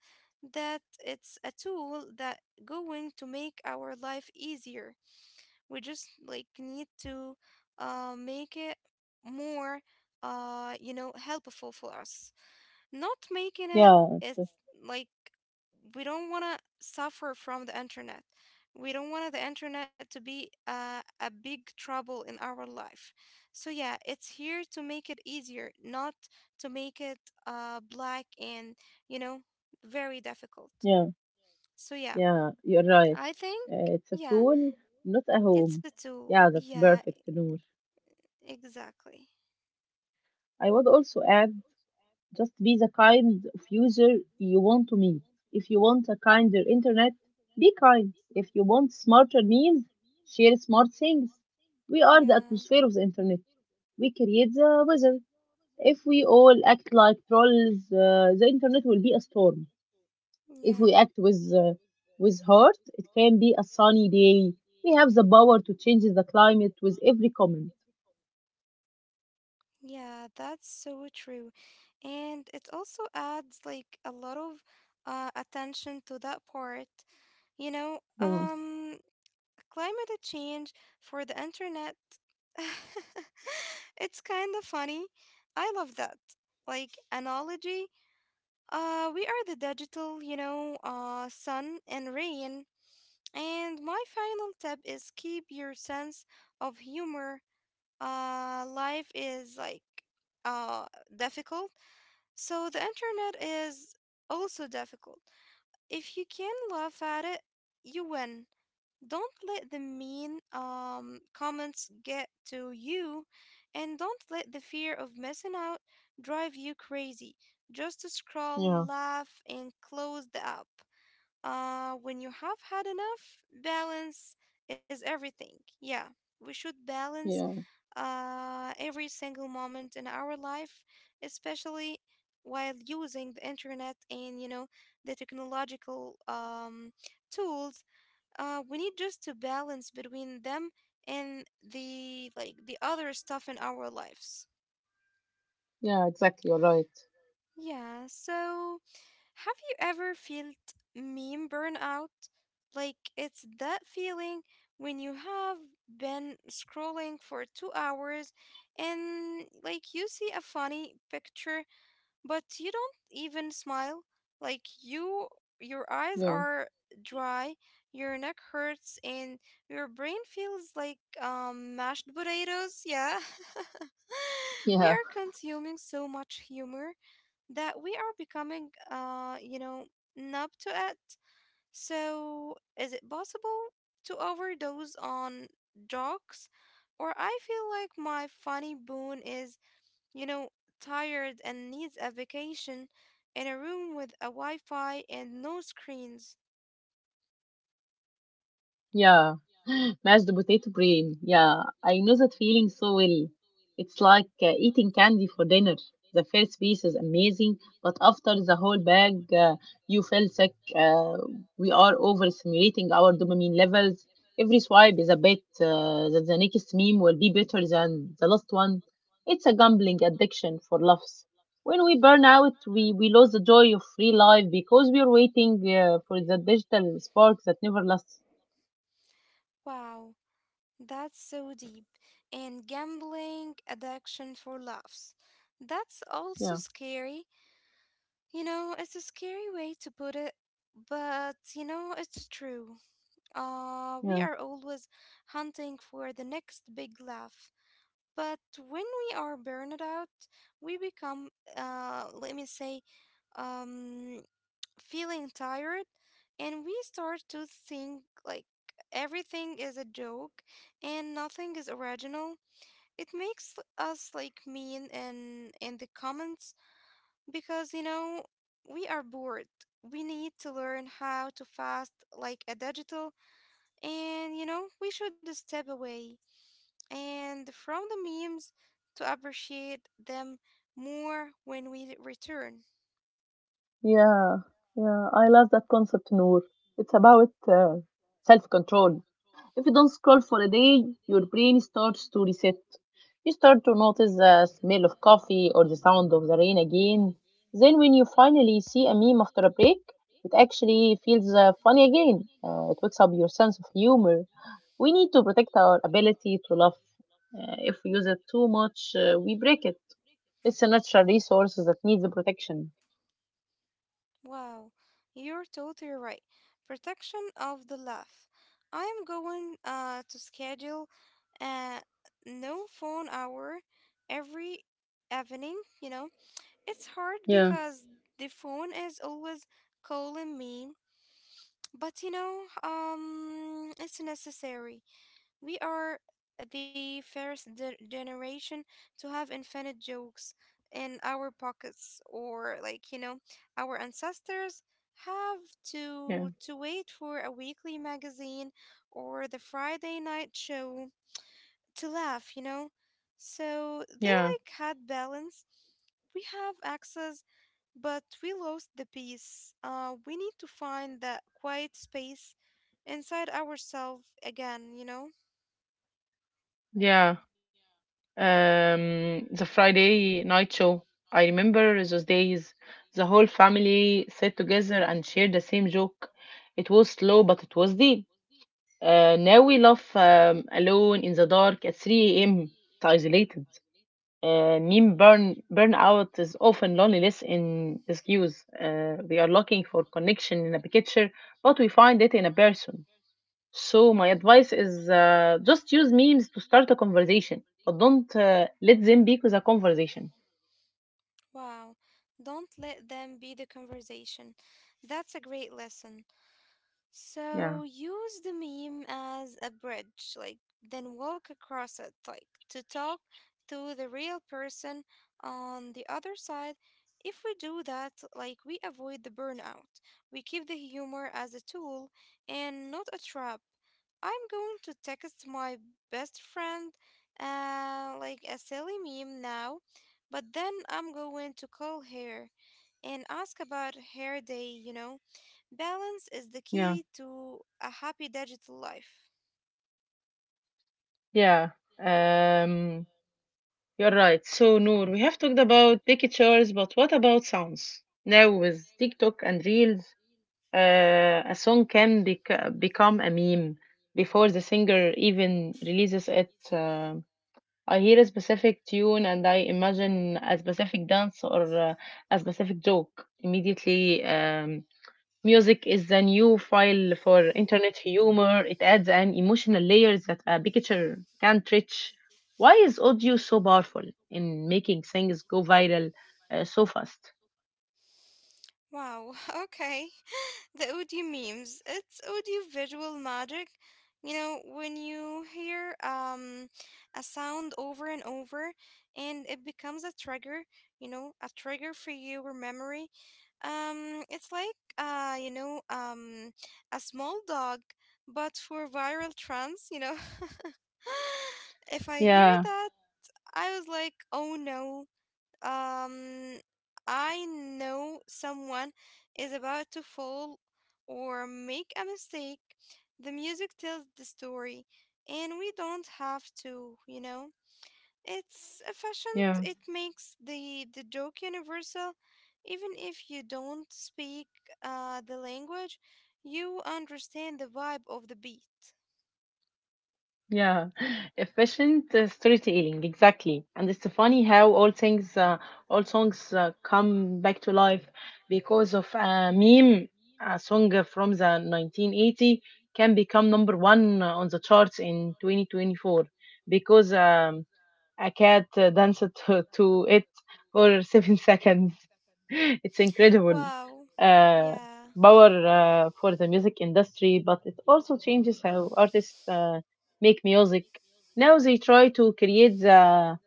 S1: that it's a tool that going to make our life easier. We just like need to, make it more, you know, helpful for us, not making it.
S2: yeah. it's-
S1: It's
S2: a-
S1: like, we don't want to suffer from the internet. We don't want the internet to be, a big trouble in our life. So yeah, it's here to make it easier, not to make it, black and, you know, very difficult.
S2: yeah.
S1: So yeah,
S2: Yeah, you're right.
S1: I think
S2: It's a
S1: yeah,
S2: tool, not a
S1: it's
S2: home.
S1: a tool,
S2: Yeah, that's
S1: yeah,
S2: perfect, Noor.
S1: exactly.
S2: I would also add just be the kind of user you want to meet. If you want a kinder internet, be kind. If you want smarter meals, share smart things. We are the
S1: Yeah.
S2: atmosphere of the internet. We create the weather. If we all act like trolls, the internet will be a storm. If we
S1: Yeah,
S2: act with heart, it can be a sunny day. We have the power to change the climate with every comment.
S1: yeah, that's so true. And it also adds like a lot of, attention to that part. You know,
S2: Yeah.
S1: climate change for the internet. It's kind of funny. I love that. Like analogy, we are the digital, you know, sun and rain. And my final tip is keep your sense of humor. Life is like, uh, difficult. So the internet is also difficult. If you can laugh at it, you win. Don't let the mean comments get to you, and don't let the fear of missing out drive you crazy. Just
S2: Yeah,
S1: scroll, laugh, and close the app. When you have had enough, balance is everything. Yeah, we should balance
S2: yeah,
S1: every single moment in our life, especially while using the internet, and you know, the technological tools. We need just to balance between them and the like the other stuff in our lives.
S2: yeah, exactly. You're right.
S1: Yeah, so have you ever felt meme burnout? Like it's that feeling when you have been scrolling for 2 hours, and like you see a funny picture, but you don't even smile. Like you, your eyes
S2: Yeah,
S1: are dry, your neck hurts, and your brain feels like mashed potatoes. Yeah. We
S2: yeah.
S1: are consuming so much humor that we are becoming, you know, numb to it. So, is it possible to overdose on drugs? Or I feel like my funny bone is, you know, tired and needs a vacation in a room with a Wi Fi and no screens.
S2: Yeah, mashed potato brain. Yeah, I know that feeling so well. It's like eating candy for dinner. The first piece is amazing, but after the whole bag, you feel sick. We are overstimulating our dopamine levels. Every swipe is a bet that the next meme will be better than the last one. It's a gambling addiction for laughs. When we burn out, we lose the joy of free life because we are waiting for the digital spark that never lasts.
S1: Wow, that's so deep. And gambling addiction for laughs. That's also
S2: Yeah.
S1: scary. You know, it's a scary way to put it, but you know, it's true. We
S2: Yeah,
S1: are always hunting for the next big laugh. But when we are burned out, we become, let me say, um, feeling tired, and we start to think like everything is a joke and nothing is original. It makes us like mean and in the comments, because you know we are bored. We need to learn how to fast like a digital, and you know we should step away and from the memes to appreciate them more when we return.
S2: yeah, yeah. I love that concept, Noor. It's about self control. If you don't scroll for a day, your brain starts to reset. You start to notice the smell of coffee or the sound of the rain again. Then, when you finally see a meme after a break, it actually feels funny again. It wakes up your sense of humor. We need to protect our ability to laugh. If we use it too much, we break it. It's a natural resource that needs protection.
S1: Wow, you're totally right. Protection of the laugh. I am going, to schedule a no phone hour every evening, you know. It's hard because the phone is always calling me, but you know, it's necessary. We are the first generation to have infinite jokes in our pockets, or like, you know, our ancestors have
S2: Yeah,
S1: to wait for a weekly magazine or the Friday night show to laugh, you know. So they
S2: yeah,
S1: like had balance. We have access, but we lost the peace. We need to find that quiet space inside ourselves again, you know?
S2: yeah. The Friday night show. I remember those days. The whole family sat together and shared the same joke. It was slow, but it was deep. Now we laugh alone in the dark at 3 a.m. It's isolated. Meme burnout is often loneliness in excuse. We are looking for connection in a picture, but we find it in a person. So my advice is just use memes to start a conversation, but don't let them be with a conversation.
S1: Wow. Don't let them be the conversation. That's a great lesson. So
S2: Yeah,
S1: use the meme as a bridge, like then walk across it, like to talk to the real person on the other side. If we do that, like we avoid the burnout. We keep the humor as a tool and not a trap. I'm going to text my best friend like a silly meme now, but then I'm going to call her and ask about her day, you know. Balance is the
S2: yeah,
S1: key to a happy digital life.
S2: yeah. Um, you're right. So Noor, we have talked about pictures, but what about sounds? Now with TikTok and Reels, a song can become a meme before the singer even releases it. I hear a specific tune and I imagine a specific dance or a specific joke immediately. Music is a new file for internet humor. It adds an emotional layer that a picture can't reach. Why is audio so powerful in making things go viral so fast?
S1: Wow, okay. The audio memes. It's audio visual magic. You know, when you hear a sound over and over and it becomes a trigger, you know, a trigger for your memory. It's like, you know, a small dog, but for viral trends, you know. If I hear
S2: Yeah,
S1: that, I was like, oh no. Um, I know someone is about to fall or make a mistake. The music tells the story, and we don't have to, you know? It's efficient,
S2: yeah.
S1: it makes the joke universal. Even if you don't speak, the language, you understand the vibe of the beat.
S2: Yeah, efficient storytelling, exactly. And it's funny how all things, all songs come back to life because of a meme. A song from the 1980 can become number one on the charts in 2024 because a cat danced to it for 7 seconds. It's incredible.
S1: Wow.
S2: Uh,
S1: Yeah.
S2: Power for the music industry, but it also changes how artists make music. Now they try to create the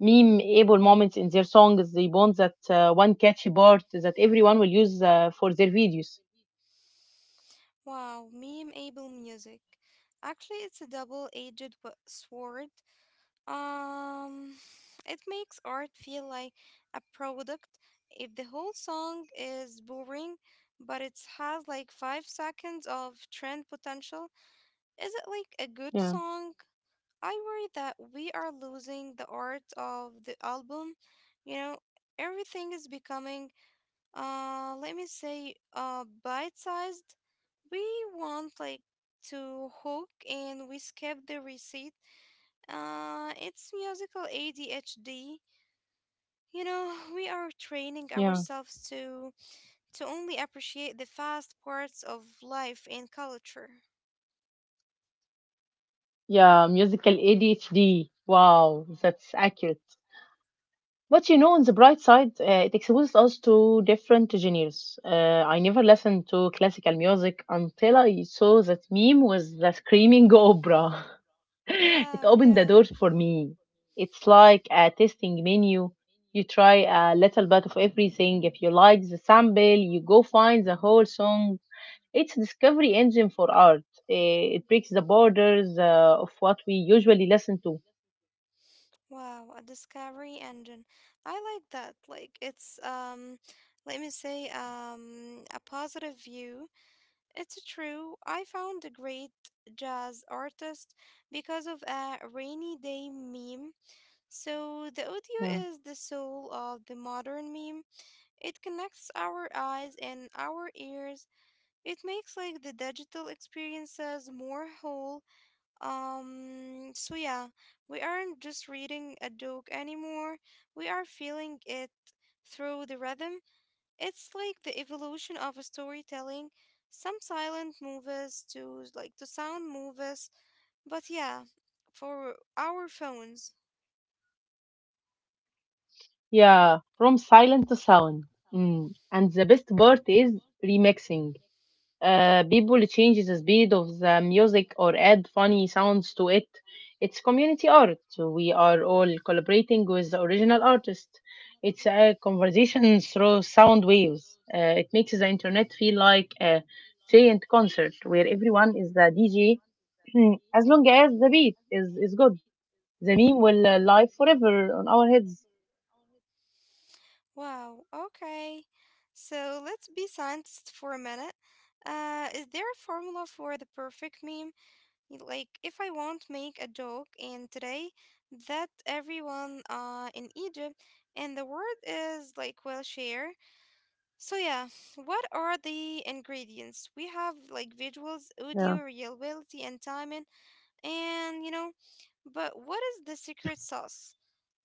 S2: meme-able moments in their songs. They want that one catchy part that everyone will use for their videos.
S1: Wow, meme able music. Actually, it's a double-edged sword. Um, it makes art feel like a product. If the whole song is boring, but it has like 5 seconds of trend potential, is it like a good
S2: Yeah,
S1: song? I worry that we are losing the art of the album. You know, everything is becoming, let me say bite-sized. We want like to hook and we skip the receipt. Uh, it's musical ADHD, you know. We are training
S2: yeah,
S1: ourselves to only appreciate the fast parts of life and culture.
S2: yeah. Musical ADHD. Wow, that's accurate. But you know, on the bright side, it exposes us to different genres. I never listened to classical music until I saw that meme with the screaming opera. it
S1: Wow,
S2: opened the
S1: yeah.
S2: door for me. It's like a tasting menu. You try a little bit of everything. If you like the sample, you go find the whole song. It's a discovery engine for art. It breaks the borders of what we usually listen to.
S1: Wow, a discovery engine. I like that. Like it's let me say a positive view. It's true. I found a great jazz artist because of a rainy day meme. So the audio is the soul of the modern meme. It connects our eyes and our ears. It makes like the digital experiences more whole. Um, so yeah, we aren't just reading a joke anymore. We are feeling it through the rhythm. It's like the evolution of a storytelling, some silent movies to like to sound movies, but yeah, for our phones.
S2: Yeah, from silent to sound. Mm. And the best part is remixing. People change the speed of the music or add funny sounds to it. It's community art. We are all collaborating with the original artist. It's a conversation through sound waves. It makes the internet feel like a giant concert where everyone is the DJ as long as the beat is good. The meme will live forever on our heads.
S1: Wow, okay. So let's be scientists for a minute. Is there a formula for the perfect meme? Like, if I want to make a joke and today that everyone in Egypt and the world is like will share, so yeah, what are the ingredients? We have like visuals,
S2: Yeah.
S1: audio, reliability, and timing, and you know, but what is the secret sauce?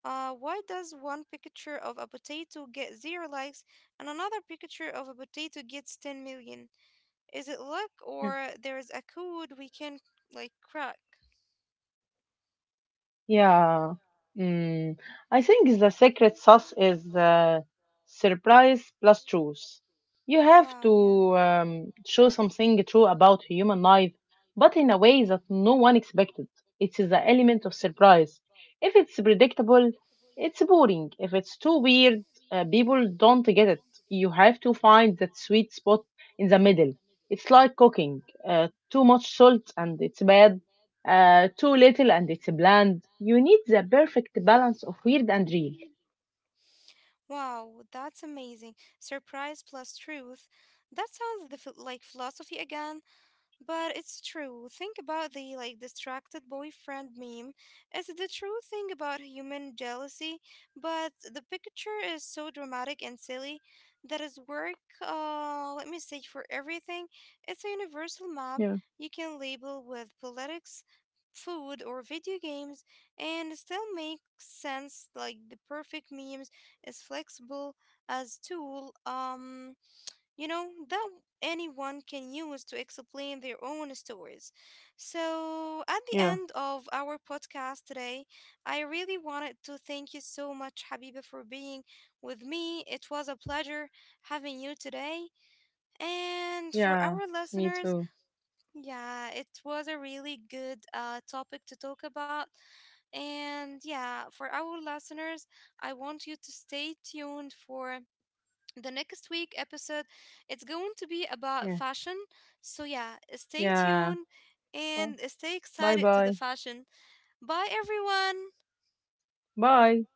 S1: Why does one picture of a potato get zero likes and another picture of a potato gets 10 million? Is it luck, or there is a code we can like crack?
S2: Yeah. Mm. I think the secret sauce is surprise plus truth. You have to
S1: Wow, yeah.
S2: show something true about human life, but in a way that no one expected. It is the element of surprise. If it's predictable, it's boring. If it's too weird, people don't get it. You have to find that sweet spot in the middle. It's like cooking. Too much salt and it's bad, too little and it's bland. You need the perfect balance of weird and real.
S1: Wow, that's amazing. Surprise plus truth. That sounds the like philosophy again. But it's true. Think about the like distracted boyfriend meme. It's the true thing about human jealousy, but the picture is so dramatic and silly that is work, let me say, for everything. It's a universal map
S2: Yeah,
S1: you can label with politics, food or video games, and still make sense. Like the perfect memes is flexible as tool. You know, that anyone can use to explain their own stories. So, at the
S2: yeah,
S1: end of our podcast today, I really wanted to thank you so much, Habiba, for being with me. It was a pleasure having you today. And for
S2: Yeah,
S1: our
S2: it's me
S1: listeners,
S2: too.
S1: yeah, it was a really good topic to talk about. And yeah, for our listeners, I want you to stay tuned for the next week episode. It's going to be about
S2: Yes.
S1: fashion, so yeah, stay
S2: Yeah.
S1: tuned and stay
S2: Bye
S1: excited to the
S2: bye.
S1: fashion. Bye everyone.
S2: Bye.